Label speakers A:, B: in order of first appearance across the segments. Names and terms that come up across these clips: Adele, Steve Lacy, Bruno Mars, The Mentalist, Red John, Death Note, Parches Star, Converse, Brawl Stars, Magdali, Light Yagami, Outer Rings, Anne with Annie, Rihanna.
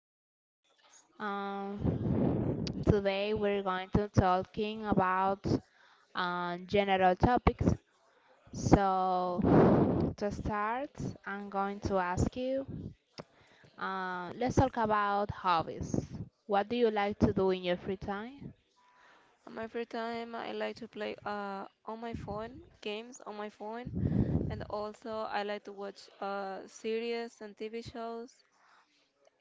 A: podcast. Today we're going to talking about general topics. So to start, I'm going to ask you. Let's talk about hobbies. What do you like to do in your free time?
B: On my free time, I like to play on my phone, games on my phone, and also I like to watch series and TV shows.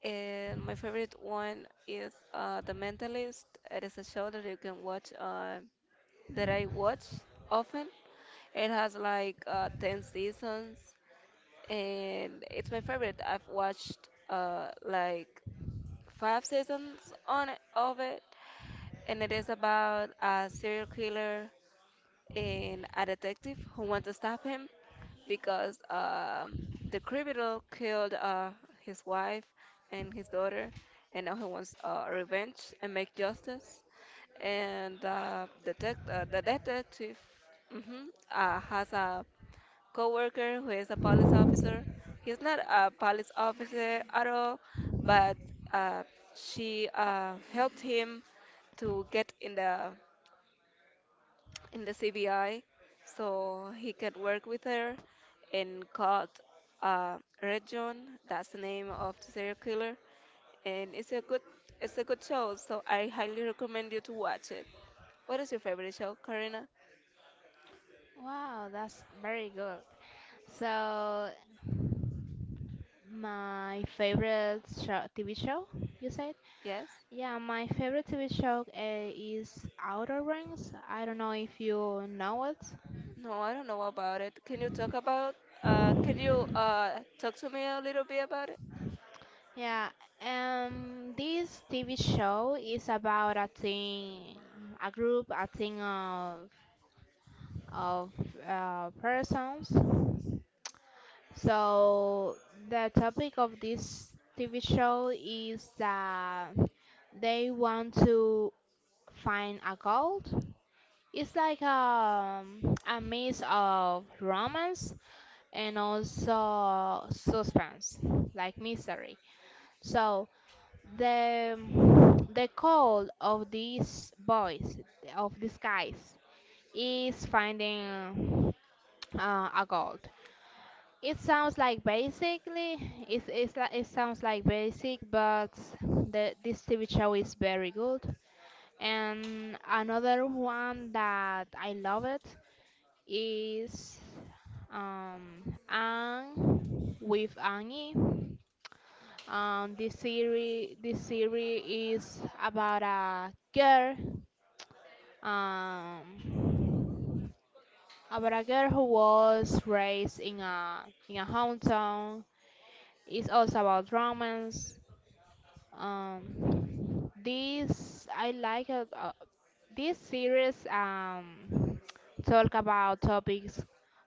B: And my favorite one is The Mentalist. It is a show that you can watch, that I watch often. It has like 10 seasons, and it's my favorite. I've watched like five seasons of it, and it is about a serial killer and a detective who wants to stop him because the criminal killed his wife and his daughter, and now he wants revenge and make justice. And detect the detective mhm, has a coworker who is a police officer. He's not a police officer at all, but uh, she helped him to get in the CBI, so he could work with her and caught uh, Red John. That's the name of the serial killer, and it's a good show. So I highly recommend you to watch it. What is your favorite show, Karina?
A: Wow, that's very good. So my favorite show, TV show, you said?
B: Yes?
A: Yeah, my favorite TV show is Outer Rings. I don't know if you know it.
B: No, I don't know about it. Can you talk about? Can you talk to me a little bit about it?
A: Yeah, this TV show is about a team, a group, a team of persons. So the topic of this TV show is that they want to find a gold. It's like a mix of romance and also suspense, like misery. So the the goal of these guys is finding a gold. It sounds like basically it sounds like basic, but the this TV show is very good. And another one that I love it is Anne with Annie. This series is about a girl, um, who was raised in a hometown. It's also about romance. This I like it. This series talk about topics,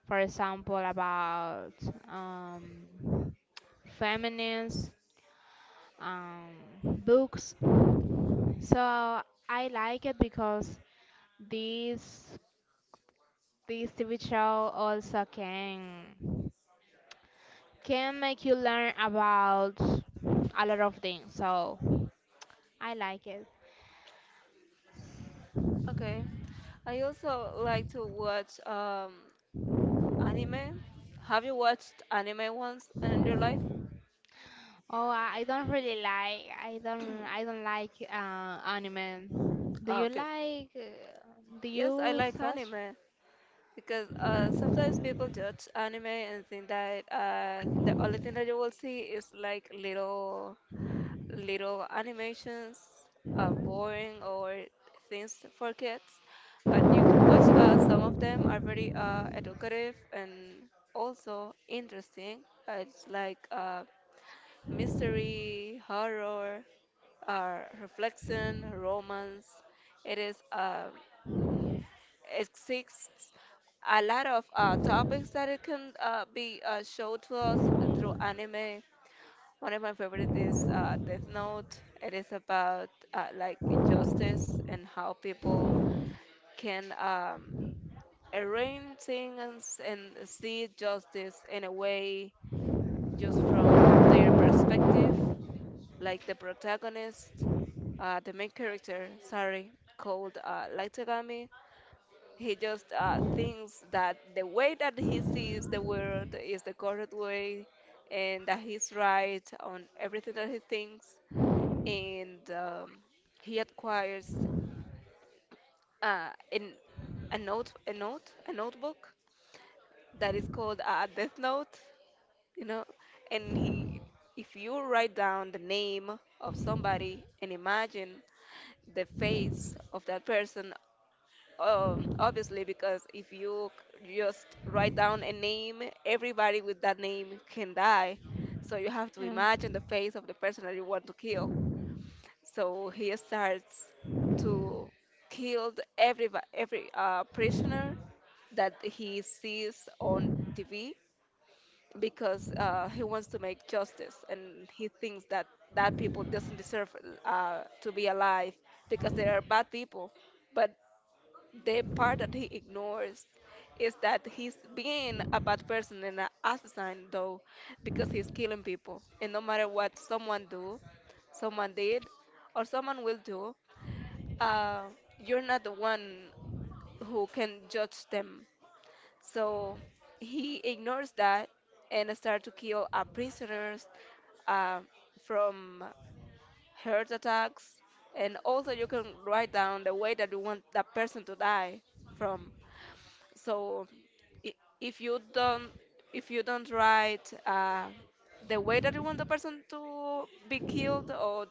A: for example, about um, feminists, um, books. So I like it because this this TV show also can make you learn about a lot of things. So I like it.
B: Okay. I also like to watch anime. Have you watched anime once in your life?
A: Oh, I don't really like. I don't. I don't like anime. Do
B: Uh,
A: you like? Do
B: Yes, I
A: you
B: like
A: search?
B: anime because sometimes people judge anime and think that the only thing that you will see is like little animations, boring or things for kids. But you can watch some of them are very educative and also interesting. It's like mystery, horror, reflection, romance. It is. Exists a lot of topics that it can be showed to us through anime. One of my favorite is Death Note. It is about like justice and how people can arrange things and see justice in a way just from their perspective. Like the protagonist, the main character, sorry, called Light Yagami. He just thinks that the way that he sees the world is the correct way and that he's right on everything that he thinks. And he acquires an, a note, a note, a notebook that is called a death note, you know. And if you write down the name of somebody and imagine the face of that person. Obviously, because if you just write down a name, everybody with that name can die. So you have to
A: Yeah.
B: imagine the face of the person that you want to kill. So he starts to kill every prisoner that he sees on TV because he wants to make justice and he thinks that people doesn't deserve to be alive because they are bad people. But the part that he ignores is that he's being a bad person and an assassin, though, because he's killing people. And no matter what someone do, someone did, or someone will do, uh, you're not the one who can judge them. So he ignores that and start to kill prisoners uh, from heart attacks. And also, you can write down the way that you want that person to die from. so i- if you don't write the way that you want the person to be killed or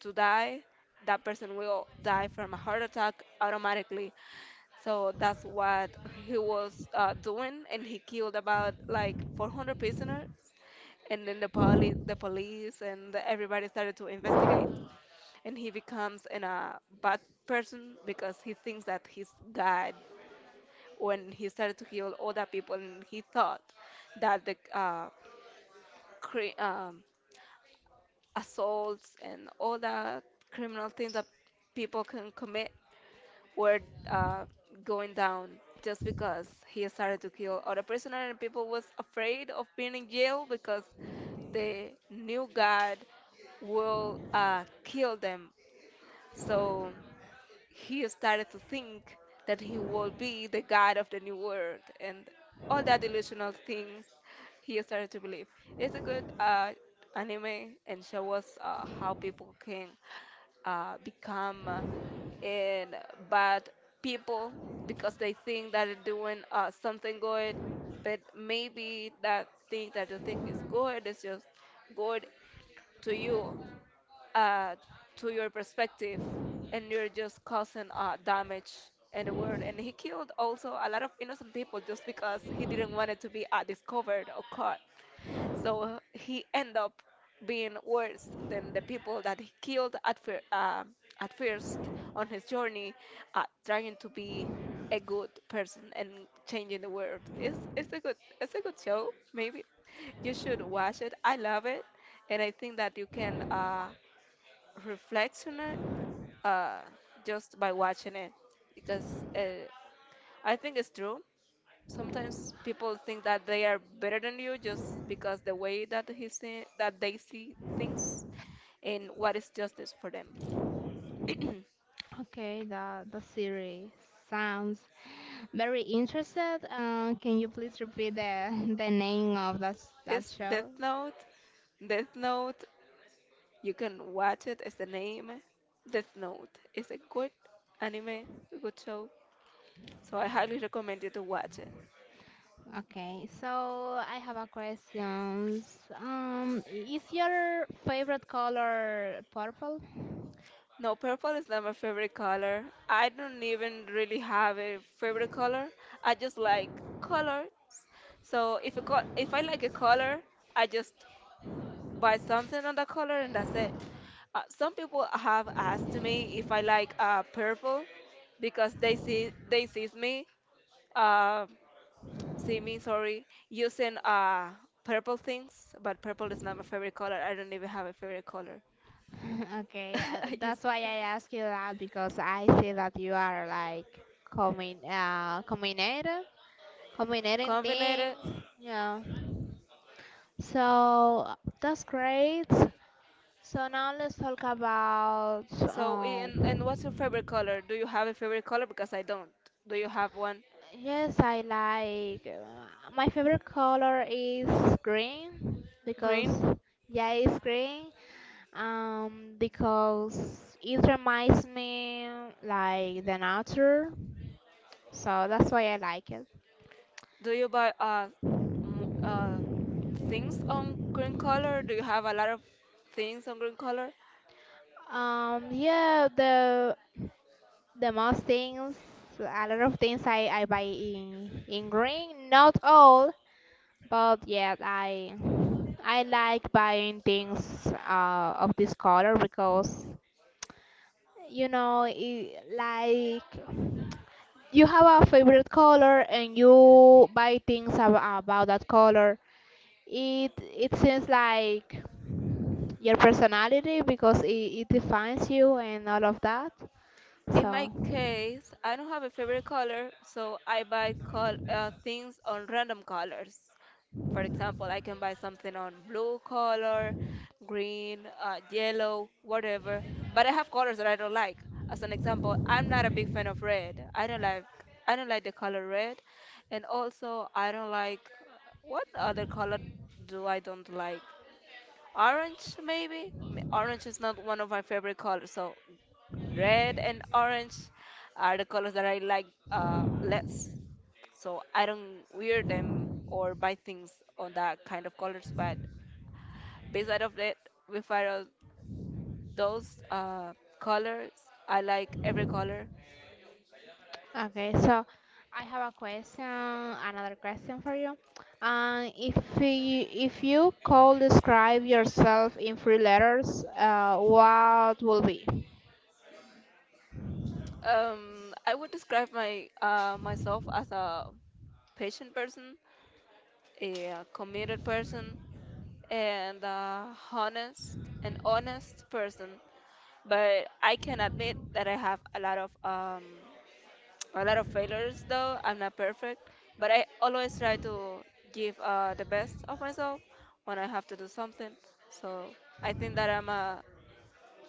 B: to die, that person will die from a heart attack automatically. So that's what he was doing, and he killed about like 400 prisoners, and then the police and everybody started to investigate. And he becomes a bad person because he thinks that he's god when he started to heal other people. And he thought that the cri- um, assaults and all the criminal things that people can commit were uh, going down just because he started to kill other prisoners, and people was afraid of being in jail because they knew God will kill them. So he started to think that he will be the god of the new world and all that delusional things he started to believe. It's a good anime and show us how people can become in bad people because they think that they're doing something good, but maybe that thing that you think is good is just good to you, uh, to your perspective, and you're just causing damage in the world. And he killed also a lot of innocent people just because he didn't want it to be discovered or caught. So he ended up being worse than the people that he killed at first on his journey, trying to be a good person and changing the world. It's a good show. Maybe you should watch it. I love it, and I think that you can. Reflects on it uh, just by watching it because uh, I think it's true. Sometimes people think that they are better than you just because the way that that they see things and what is justice for them.
A: Okay, the series sounds very interested. Can you please repeat the the name of that
B: It's
A: show?
B: Death Note. Death Note. You can watch it. As the name. Death Note. Is a good anime, a good show. So I highly recommend you to watch.
A: Okay, so I have a questions. Is your favorite color purple?
B: No, purple is not my favorite color. I don't even really have a favorite color. I just like color. So if I like a color, I just buy something on that color and that's it. Some people have asked me if I like purple because they sees me uh, see me sorry using purple things, but purple is not my favorite color. I don't even have a favorite color.
A: Okay,
B: I just
A: that's why I ask you that because I see that you are like coming, combinated, combining
B: combined
A: things.
B: it.
A: Yeah. So that's great. So now let's talk about
B: So, and what's your
A: um.
B: favorite color? Do you have a favorite color? Because I don't. Do you have one?
A: Yes, I like. My favorite color is green because,
B: Green?
A: yeah, it's green. Because it reminds me like the nature, so that's why I like it.
B: Do you buy mo- uh things on green color? Do you have a lot of things on green color?
A: Yeah, the most things, a lot of things I buy in green. Not all, but yeah, I like buying things of this color, because like you have a favorite color and you buy things about that color. It seems like your personality because it defines you and all of that.
B: In my
A: So
B: case, I don't have a favorite color, so I buy col things on random colors. For example, I can buy something on blue color, green, yellow, whatever. But I have colors that I don't like. As an example, I'm not a big fan of red. I don't like the color red, and also I don't like what other color do I don't like? Orange maybe? Orange is not one of my favorite colors. So red and orange are the colors that I like less, so I don't wear them or buy things on that kind of colors. But beside of that, with our- those colors, I like every color.
A: okay, so I have a question, another question for you. If you could describe yourself in three letters, what will be?
B: I would describe my myself as a patient person, a committed person, and a honest an honest person. But I can admit that I have a lot of failures, though I'm not perfect, but I always try to give the best of myself when I have to do something. So I think that I'm a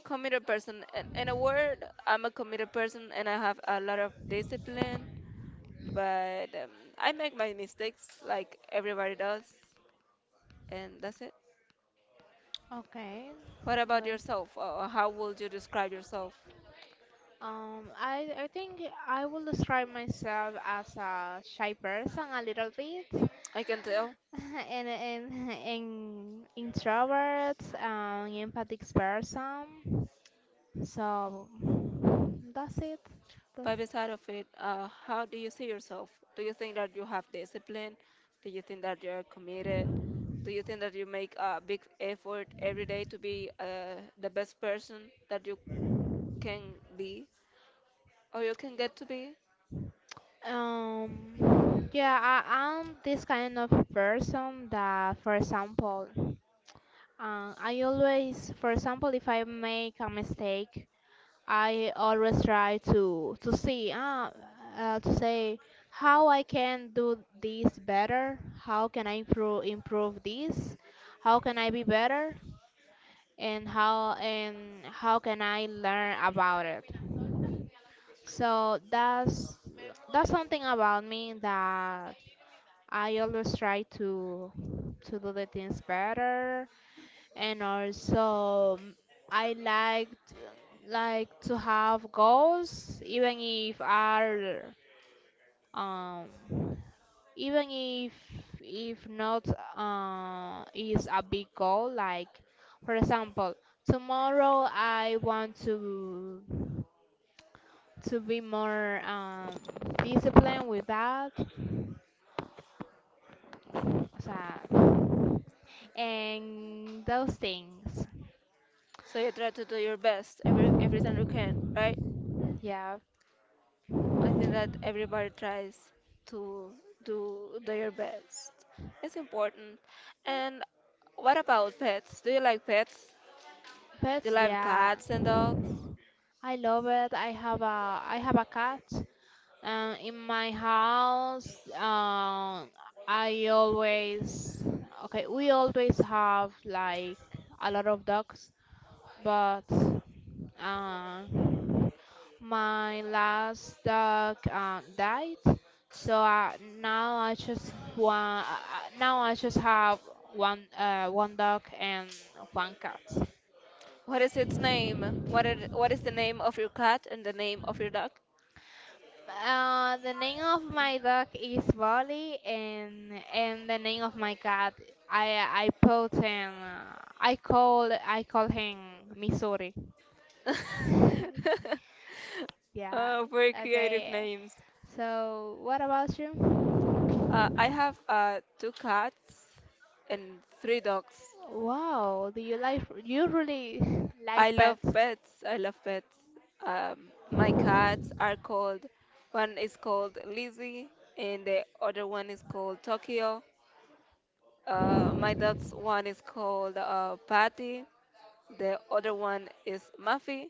B: committed person. In a word, I'm a committed person and I have a lot of discipline. But I make my mistakes like everybody does, and that's it.
A: Okay.
B: What about yourself? How would you describe yourself?
A: I think I will describe myself as a shy person, a little bit,
B: I can tell.
A: and introvert, an empathic person. So that's it. That's
B: But beside of it, how do you see yourself? Do you think that you have discipline? Do you think that you're committed? Do you think that you make a big effort every day to be the best person that you can be, or you can get to be?
A: it. Yeah. I'm this kind of person that, for example, I always, for example, if I make a mistake. I always try to see, to say how I can do this better, how can I improve this, how can I be better, and how can I learn about it. So that's something about me, that I always try to do the things better. And also, I like to have goals, even if are, um even if, not, is a big goal, like for example tomorrow I want to be more, disciplined with that. So, and those things,
B: So you try to do your best every time you can, right?
A: yeah.
B: I think that everybody tries to do their best. It's important. And what about pets? Do you like pets?
A: But
B: Do you like
A: yeah,
B: cats and dogs?
A: I love it. I have a cat, and in my house, I always okay. we always have like a lot of dogs, but uh, my last dog died, so now I just want now I just have one dog and one cat.
B: What is its name? What is the name of your cat and the name of your dog?
A: The name of my dog is Bolly, and the name of my cat, I put him, I call him Missouri. Yeah.
B: Oh, very creative
A: Okay.
B: names.
A: So what about you?
B: I have two cats and three dogs.
A: Wow. Do you like, you really
B: I
A: like
B: love
A: pets?
B: pets. I love pets. My cats are called, one is called Lizzie, and the other one is called Tokyo. My dogs, one is called Patty, the other one is Muffy,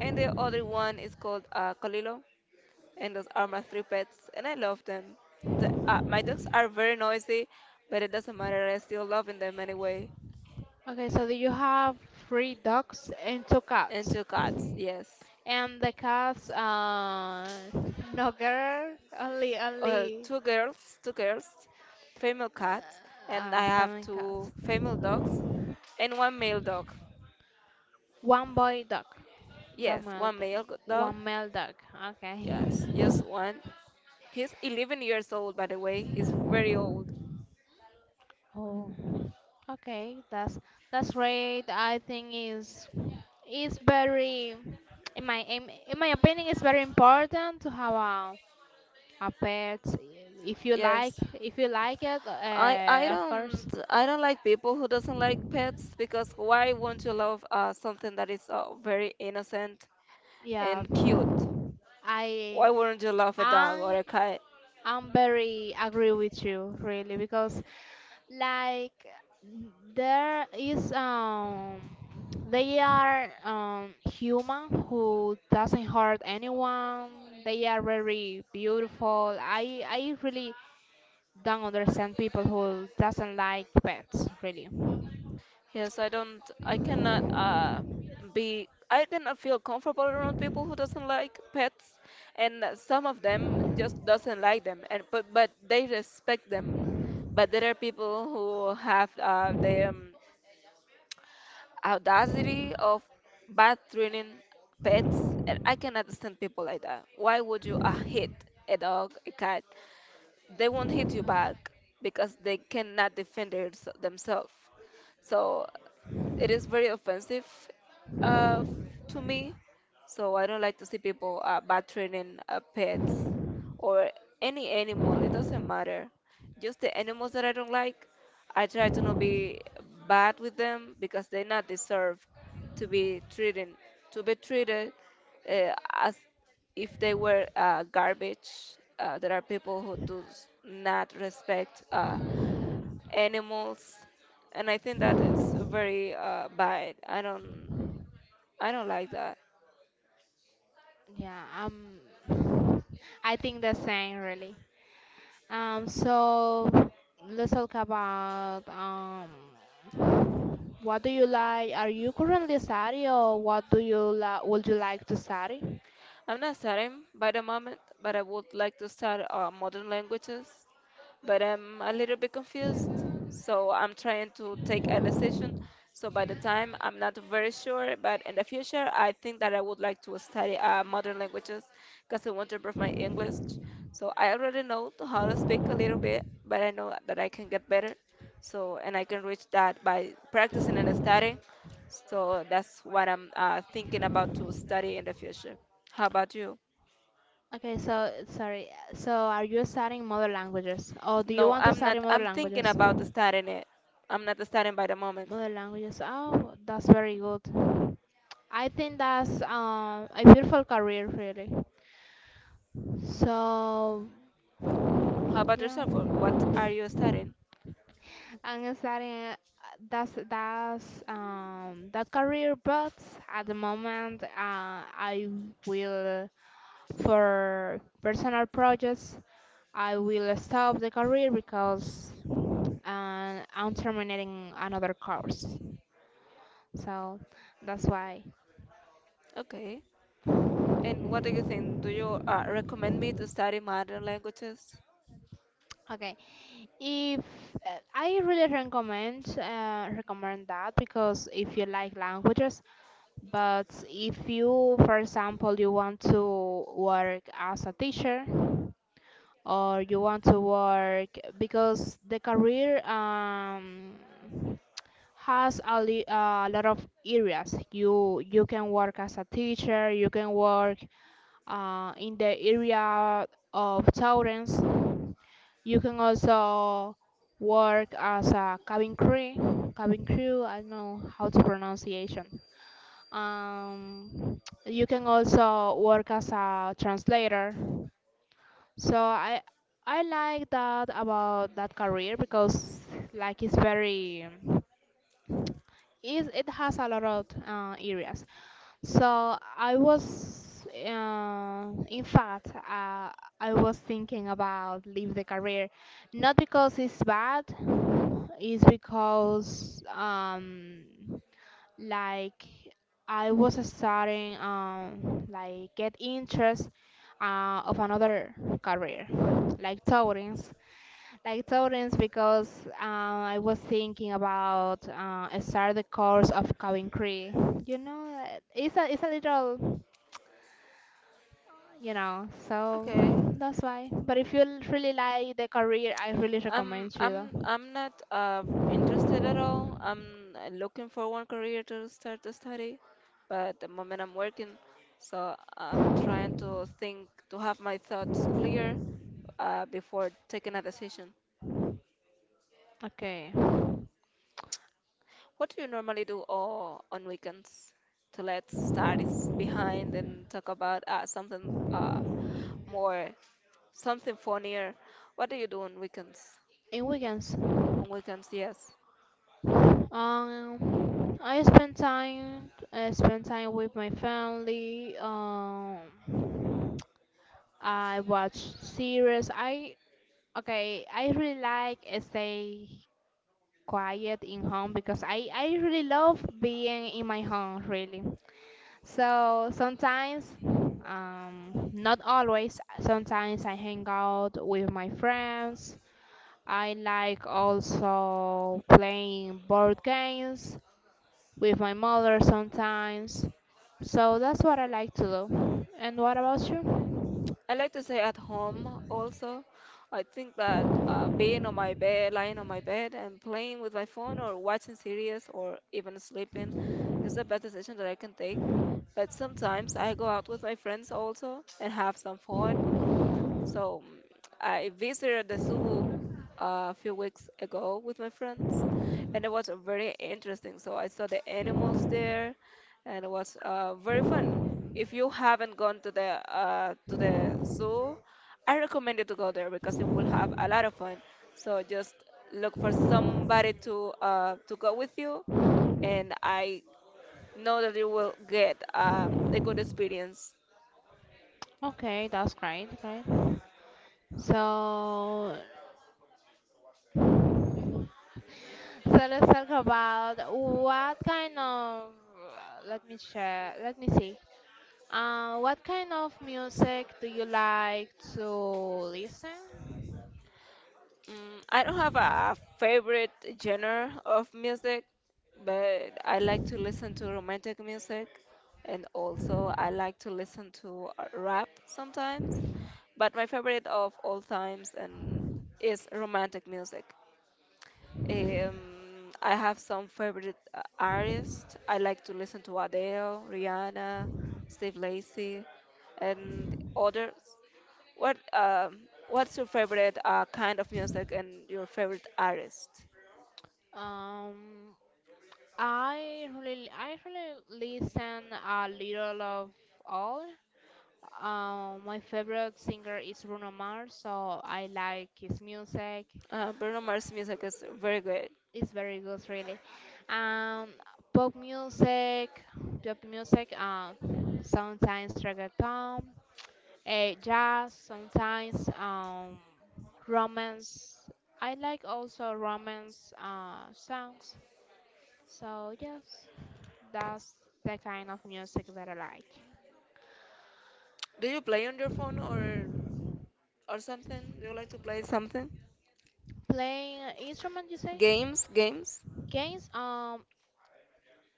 B: and the other one is called Colilo, and those are my three pets, and I love them. My dogs are very noisy, but it doesn't matter. I still love them anyway.
A: Okay. So do you have three dogs and two
B: And
A: cats?
B: two cats, yes,
A: And the cats, no girl, only only
B: two girls, two girls, female cats, and I have
A: feminine cats.
B: two female dogs and one male dog.
A: One boy dog. The
B: Yes,
A: male
B: one
A: dog.
B: dog.
A: One male dog. Okay.
B: Yes, just one. He's 11 years old, by the way. He's very old.
A: Oh. Okay. That's right. I think is very, in my opinion, it's very important to have a pet if you like
B: Yes.
A: if you like it, of course.
B: I don't like people who doesn't like pets because why won't you love something that is very innocent
A: Yeah.
B: and cute?
A: I
B: Why wouldn't you love a dog or
A: am
B: a cat?
A: I'm very agree with you, really, because like, there is they are human who doesn't hurt anyone. They are very beautiful. I really don't understand people who doesn't like pets, really.
B: Yes, I cannot be, I cannot feel comfortable around people who doesn't like pets, and some of them just doesn't like them and but they respect them. But there are people who have their audacity of bad treating pets. And I can understand people like that. Why would you hit a dog, a cat? They won't hit you back because they cannot defend themselves. So it is very offensive uh, f- to me. So I don't like to see people maltreating pets or any animal. It doesn't matter. Just the animals that I don't like, I try to not be bad with them because they not deserve to be treated to be treated as if they were garbage. There are people who do not respect animals, and I think that is very bad. I don't like that.
A: Yeah, I think the same, really. So let's talk about. What do you like? Are you currently studying, or what do you la would you like to study?
B: I'm not studying by the moment, but I would like to study modern languages, but I'm a little bit confused. So I'm trying to take a decision. So by the time I'm not very sure, but in the future, I think that I would like to study modern languages because I want to improve my English. So I already know to how to speak a little bit, but I know that I can get better. So and I can reach that by practicing and studying. So that's what I'm thinking about to study in the future. How about you?
A: Okay, so sorry. So are you studying mother languages, or do you
B: No,
A: want to
B: I'm not.
A: study mother
B: I'm thinking
A: languages?
B: about studying it. I'm not studying by the moment.
A: Mother languages. Oh, that's very good. I think that's a beautiful career, really. So,
B: How about yourself? What
A: yeah.
B: are you studying?
A: I'm studying, that career, but at the moment, I will, for personal projects, I will stop the career because I'm terminating another course. So that's why.
B: Okay. And what do you think? Do you recommend me to study modern languages?
A: Okay, if I really recommend that, because if you like languages, but if you, for example, you want to work as a teacher, or you want to work, because the career has a lot of areas. You can work as a teacher. You can work in the area of children. You can also work as a cabin crew. Cabin crew, I don't know how to pronunciation. Um, you can also work as a translator. So I like that about that career, because like, it's very is it has a lot of areas. So in fact, I was thinking about leave the career, not because it's bad, it's because like I was starting, like get interest of another career, like towings, like Torrance, because I was thinking about start the course of Coventry. It's a little, so
B: Okay.
A: that's why. But if you really like the career, I really
B: I'm
A: recommend you.
B: I'm
A: Though.
B: I'm not interested at all. I'm looking for one career to start to study, but at the moment I'm working, so I'm trying to think to have my thoughts clear before taking a decision.
A: Okay,
B: What do you normally do all on weekends to let studies behind and talk about something more, something funnier. What do you do on weekends?
A: in weekends,
B: On weekends, yes.
A: I spend time with my family. I watch series. I okay. I really like stay quiet in home because I really love being in my home, really. So sometimes, not always, sometimes I hang out with my friends. I like also playing board games with my mother sometimes. So that's what I like to do. And what about you?
B: I like to stay at home also. I think that being on my bed, lying on my bed, and playing with my phone or watching series or even sleeping is the best decision that I can take. But sometimes I go out with my friends also and have some fun. So I visited the zoo a few weeks ago with my friends, and it was very interesting. So I saw the animals there, and it was very fun. If you haven't gone to the zoo, I recommend you to go there because you will have a lot of fun. So just look for somebody to go with you, and I know that you will get a good experience.
A: Okay, that's great, right? So So let's talk about. What kind of Let me check, let me see. What kind of music do you like to listen?
B: I don't have a favorite genre of music, but I like to listen to romantic music, and also I like to listen to rap sometimes. But my favorite of all times and is romantic music. I have some favorite artists. I like to listen to Adele, Rihanna, Steve Lacy, and others. What um, what's your favorite kind of music and your favorite artist?
A: Um, I really listen a little of all. My favorite singer is Bruno Mars, so I like his music.
B: Bruno Mars music is very good.
A: It's very good, really. Um, pop music, pop music, sometimes reggaeton, jazz, sometimes, romance. I like also romance songs. So yes, that's the kind of music that I like.
B: Do you play on your phone or something? Do you like to play something?
A: Playing an instrument, you say?
B: Games, games.
A: Games?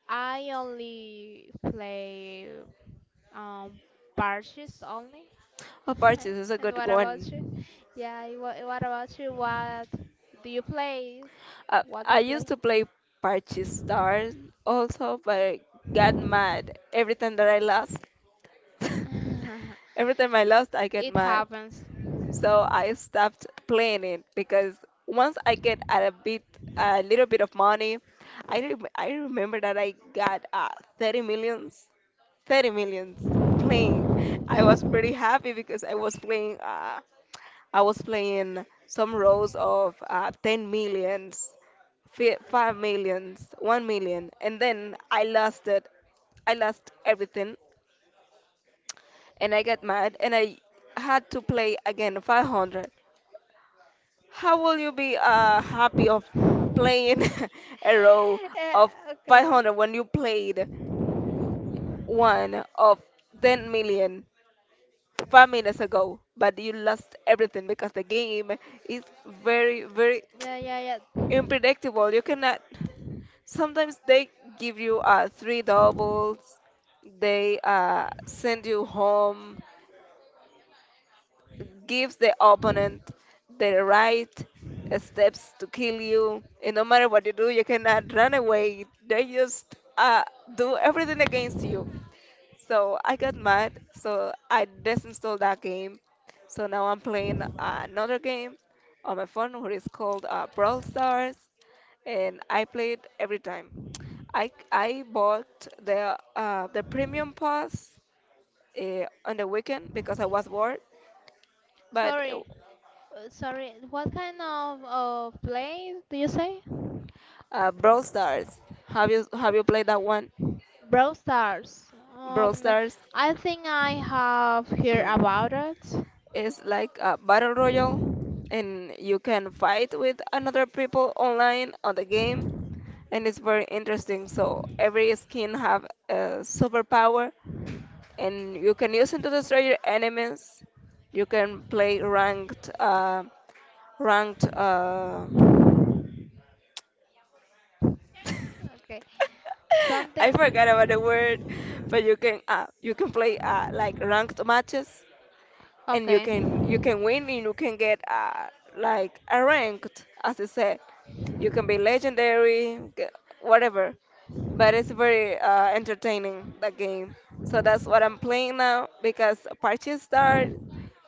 A: I only play, um, parches only.
B: Oh, Parches is a
A: And
B: good
A: what about you?
B: one.
A: Yeah, and what about you? What do you play? What do
B: I
A: you
B: used
A: play?
B: to play Parches Star also, but I got mad every time that I lost. Every time I lost, I get
A: It
B: mad.
A: happens.
B: So I stopped playing it because once I get a bit, a little bit of money, I remember that I got 30 millions, 30 millions playing. I was pretty happy because I was playing some rows of 10 millions, 5 millions, 1 million, and then I lost it. I lost everything, and I got mad, and I had to play again 500. How will you be happy of playing a row of
A: Eh, okay.
B: 500 when you played one of 10 million five minutes ago, but you lost everything because the game is very, very
A: Yeah, yeah, yeah.
B: unpredictable. You cannot. Sometimes they give you three doubles, they send you home, gives the opponent the right steps to kill you. And no matter what you do, you cannot run away. They just do everything against you. So I got mad. So I desinstalled that game. So now I'm playing another game on my phone, which is called Brawl Stars, and I play it every time. I bought the premium pass on the weekend because I was bored, but
A: Sorry. Sorry. What kind of play do you say?
B: Brawl Stars. Have you played that one?
A: Brawl Stars.
B: Brawl
A: Um,
B: Stars
A: I think I have heard about it.
B: is like a battle royale, and you can fight with another people online on the game, and it's very interesting. So every skin have a superpower, and you can use it to destroy your enemies. You can play ranked, ranked. Uh,
A: Okay.
B: I forgot about the
A: Something.
B: word, but you can play like ranked matches, and you
A: Okay.
B: can you can win and you can get like a ranked as I said. You can be legendary, whatever. But it's very entertaining that game. So that's what I'm playing now because Party Star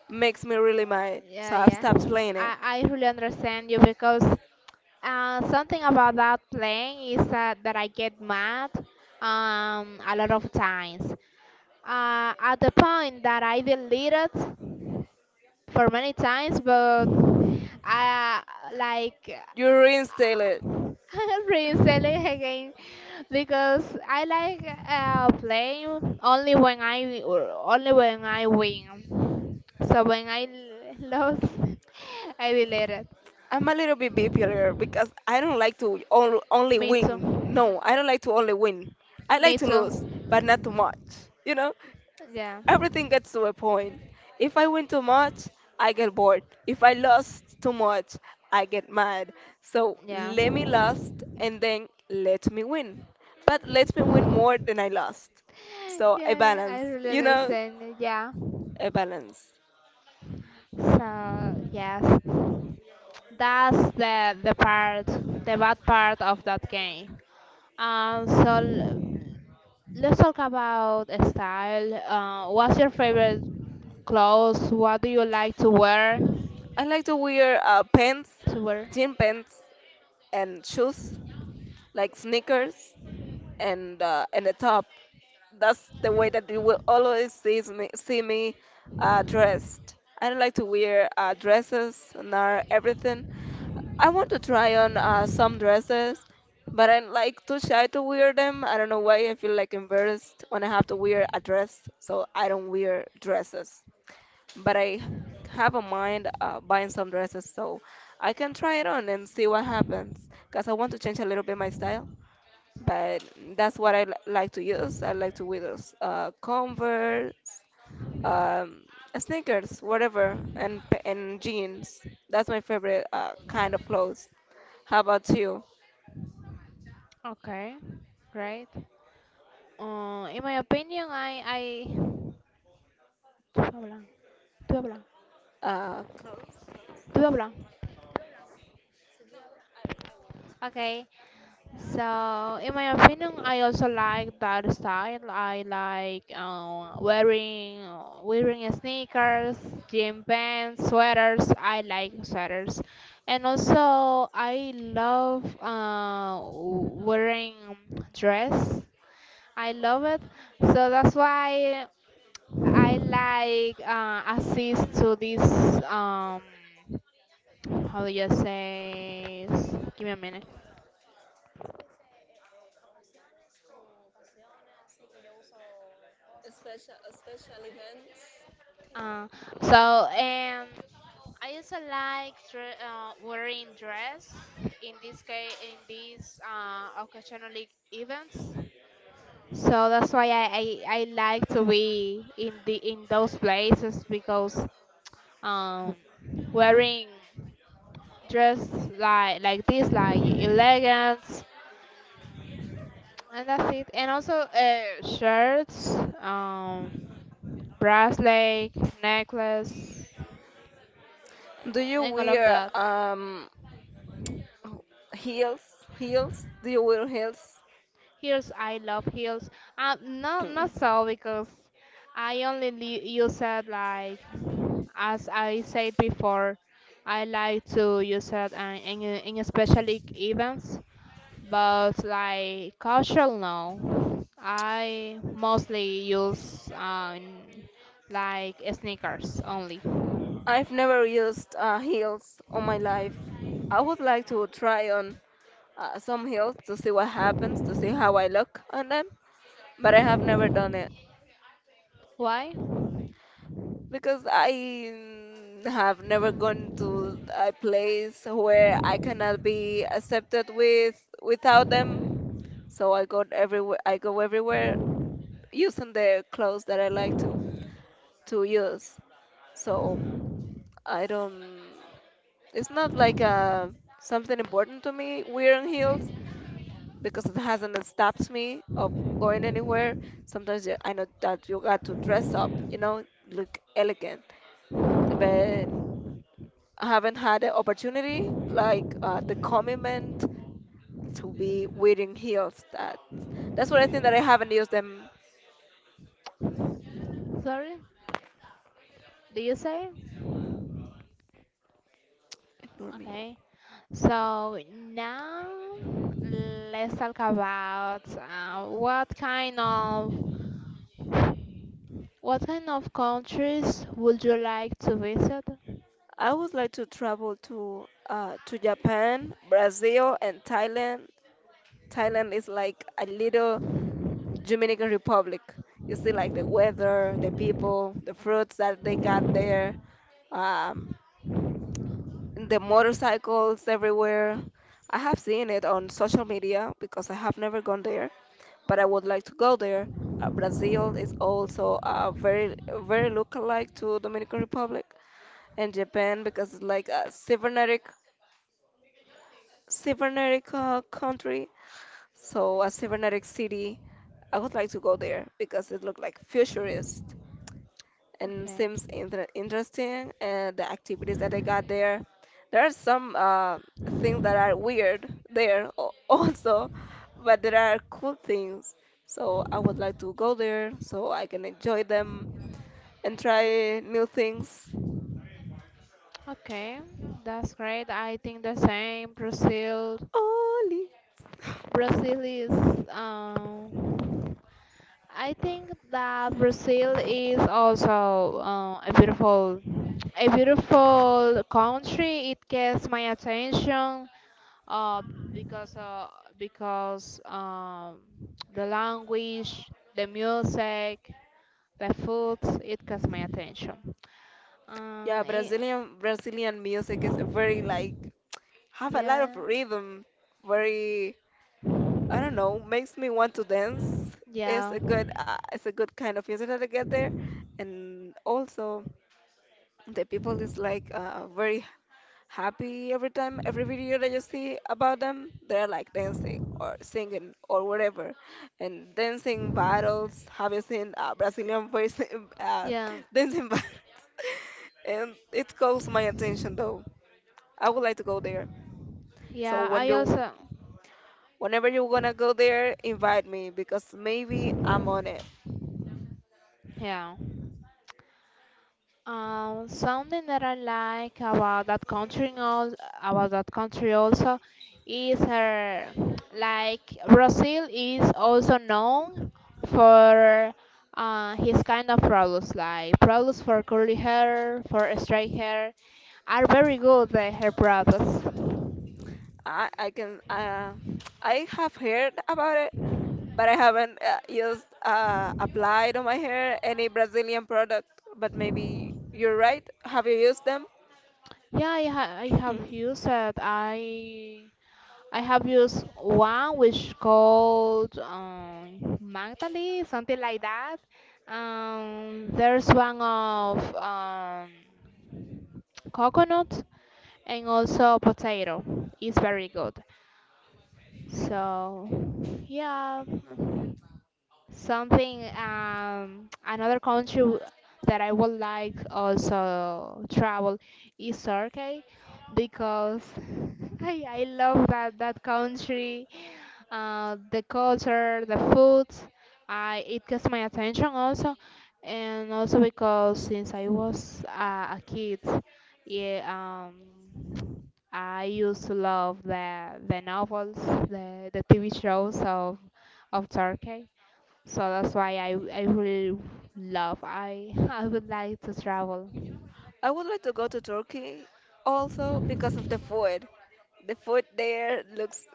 B: makes me really mad. So
A: Yeah,
B: I've
A: yeah.
B: stopped playing it.
A: I really understand you, because something about that playing is that I get mad, a lot of times. At the point that I deleted for many times, but I like
B: You reinstall.
A: reselling again, because I like playing only when I win. So when I lose, I delete it.
B: I'm a little bit bipolar because I don't like to only
A: Me
B: win.
A: too.
B: No, I don't like to only win. I like
A: Me
B: to
A: too.
B: lose, but not too much. You know,
A: Yeah.
B: everything gets to a point. If I win too much, I get bored. If I lost too much, I get mad. So
A: Yeah.
B: let me lost and then let me win. But let me win more than I lost. So a
A: Yeah,
B: balance,
A: I really
B: you know,
A: understand. Yeah.
B: a balance.
A: So yes, that's the bad part of that game. So let's talk about style. What's your favorite clothes? What do you like to wear?
B: I like to wear pants,
A: To wear.
B: jean pants, and shoes like sneakers and a top. That's the way that you will always see me dressed. I don't like to wear dresses and everything. I want to try on some dresses, but I'm like too shy to wear them. I don't know why I feel like embarrassed when I have to wear a dress, so I don't wear dresses. But I have a mind buying some dresses, so I can try it on and see what happens. Cause I want to change a little bit my style, but that's what I like to use. I like to wear those, Converse, um, sneakers, whatever, and and jeans. That's my favorite kind of clothes. How about you?
A: Okay. Great. In my opinion, I. Tuve a blank. Tuve a blank.
B: Clothes.
A: Tuve a blank. Okay. So, in my opinion, I also like that style. I like wearing sneakers, gym pants, sweaters. I like sweaters, and also I love wearing dress. I love it. So that's why I like assist to this, um how do you say? Give me a minute. Uh, so I also like wearing dress, in this case in these occasional like, events. So that's why I like to be in those places, because um, wearing dress, like this, like elegant, and that's it, and also, shirts, um, bracelet, necklace,
B: Do you
A: and all of
B: wear
A: that.
B: heels? Heels? Do you wear heels?
A: Heels, I love heels. No, not
B: Mm.
A: so because I only use it like, as I said before, I like to use it, in special events, but like casual no. I mostly use, like sneakers only.
B: I've never used heels on my life. I would like to try on some heels to see what happens, to see how I look on them. But I have never done it
A: Why?
B: because I have never gone to a place where I cannot be accepted with without them. So I go everywhere. I go everywhere using the clothes that I like to use. So I don't. It's not like something important to me wearing heels, because it hasn't stopped me of going anywhere. Sometimes you- I know that you got to dress up, you know, look elegant, but I haven't had the opportunity, like the commitment to be wearing heels. That that's what I think that I haven't used them.
A: Sorry, do you say?
B: Ignore me.
A: Okay. So now let's talk about, what kind of countries would you like to visit?
B: I would like to travel to Japan, Brazil, and Thailand. Thailand is like a little Dominican Republic. You see, like the weather, the people, the fruits that they got there, um, the motorcycles everywhere. I have seen it on social media because I have never gone there, but I would like to go there. Brazil is also very very lookalike to Dominican Republic and Japan, because it's like a cybernetic cybernetic country, so a cybernetic city. I would like to go there because it looked like futurist, and
A: Okay,
B: seems interesting and the activities that I got there. There are some things that are weird there also, but there are cool things. So I would like to go there so I can enjoy them and try new things.
A: okay, that's great. I think the same. Brazil,
B: Oli.
A: Brazil is um, I think that Brazil is also a beautiful country. It gets my attention. uh, because uh, because the language, the music, the food, it catch my attention. Um,
B: Yeah,
A: it,
B: Brazilian Brazilian music is very like have a lot of
A: yeah,
B: rhythm, very I don't know, makes me want to dance.
A: yeah,
B: It's a good kind of music that I get there, and also the people is like very happy every time, every video that you see about them, they're like dancing or singing or whatever, and dancing battles. Have you seen Brazilian voice uh,
A: yeah,
B: dancing battles? And it calls my attention though. I would like to go there. So
A: yeah.
B: when
A: I
B: you,
A: also
B: Whenever you're gonna go there, invite me because maybe I'm on it.
A: yeah. Something that I like about that country, also, is her, like, Brazil is also known for his kind of products, like products for curly hair, for straight hair, are very good hair products.
B: I can I have heard about it, but I haven't used applied on my hair any Brazilian product. But maybe you're right. Have you used them?
A: Yeah, I have
B: Mm.
A: used it. I have used one, which called, Magdali, something like that. There's one of, coconut and also potato. It's very good. So yeah, something another country, that I would like also travel, is Turkey, because I love that country, the culture, the food. I it gets my attention also, and also because since I was a kid, yeah, I used to love the novels, the TV shows of Turkey. So that's why I really love. I I would like to travel.
B: I would like to go to Turkey also because of the food. The food there looks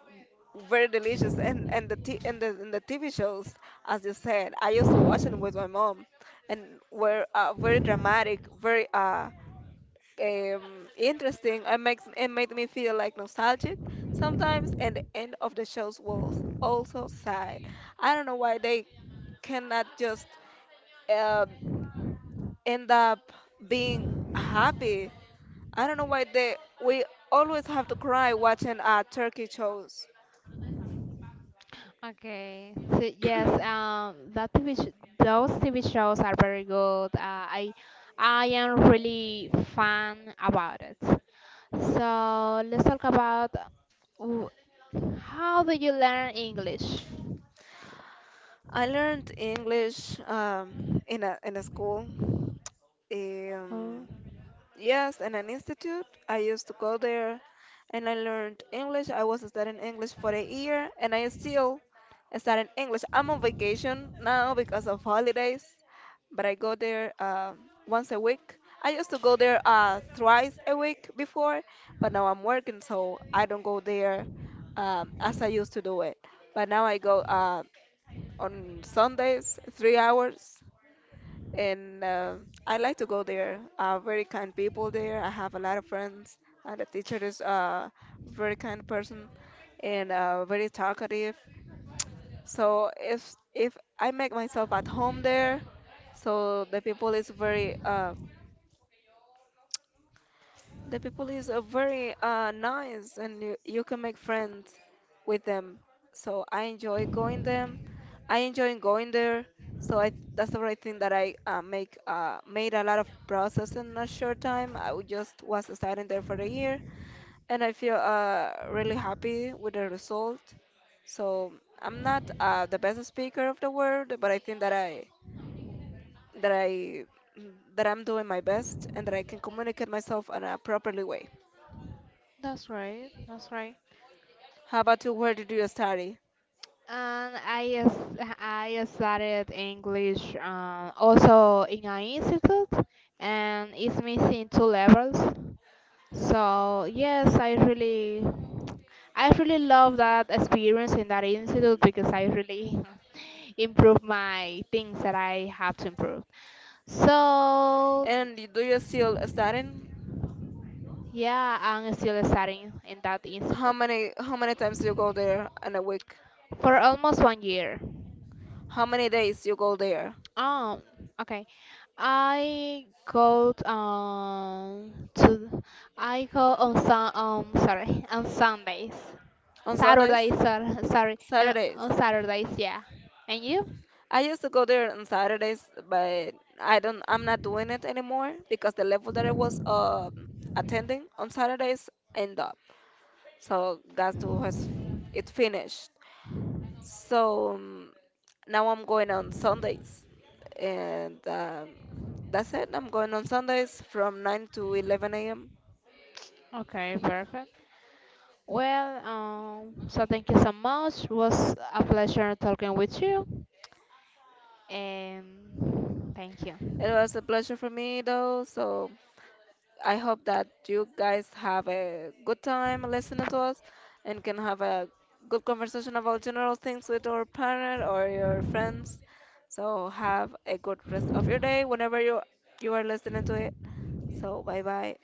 B: very delicious, and the t- and the TV shows, as you said, I used to watch them with my mom, and were very dramatic, very interesting. It made me feel like nostalgic sometimes, and the end of the shows was also sad. I don't know why they cannot just um, end up being happy. I don't know why they we always have to cry watching Turkey shows.
A: Okay, so yes, um, that TV sh those TV shows are very good. I am really fan about it. So let's talk about, w- how do you learn English?
B: I learned English in a school.
A: Oh,
B: Um, Yes, in an institute. I used to go there and I learned English. I was studying English for a year and I still studying English. I'm on vacation now because of holidays, but I go there once a week. I used to go there thrice a week before, but now I'm working, so I don't go there as I used to do it. But now I go on Sundays, three hours and I like to go there. Very kind people there. I have a lot of friends. The teacher is a very kind person and very talkative. So if I make myself at home there, so the people is very. The people is very nice and you can make friends with them. So I enjoy going them. I enjoy going there. That's the right thing, that I make made a lot of process in a short time. I would just was starting there for a year, and I feel really happy with the result. So I'm not the best speaker of the world, but I think that I that I'm doing my best and that I can communicate myself in a properly way.
A: that's right.
B: How about you? Where did you study?
A: And I studied English, also in an institute, and it's missing two levels. So yes, I really, love that experience in that institute, because I really improve my things that I have to improve. So
B: And do you still studying?
A: yeah, I'm still studying in that
B: How
A: institute
B: many how many times you go there in a week?
A: for almost 1 year.
B: How many days you go there?
A: Um, okay, I go to, I go on sun sorry, on Sundays,
B: On Sundays?
A: Saturdays, sorry, and
B: Saturdays.
A: on Saturdays, yeah. And you?
B: I used to go there on Saturdays, but I'm not doing it anymore because the level that I was attending on Saturdays end up. So that's was it's finished. So now I'm going on Sundays, and that's it. I'm going on Sundays from 9 to 11 a.m.
A: Okay, perfect. Well, so thank you so much. Was a pleasure talking with you, and thank
B: It
A: you.
B: was a pleasure for me, though. So I hope that you guys have a good time listening to us and can have a good conversation about general things with your partner or your friends. So have a good rest of your day whenever you are listening to it. So bye bye.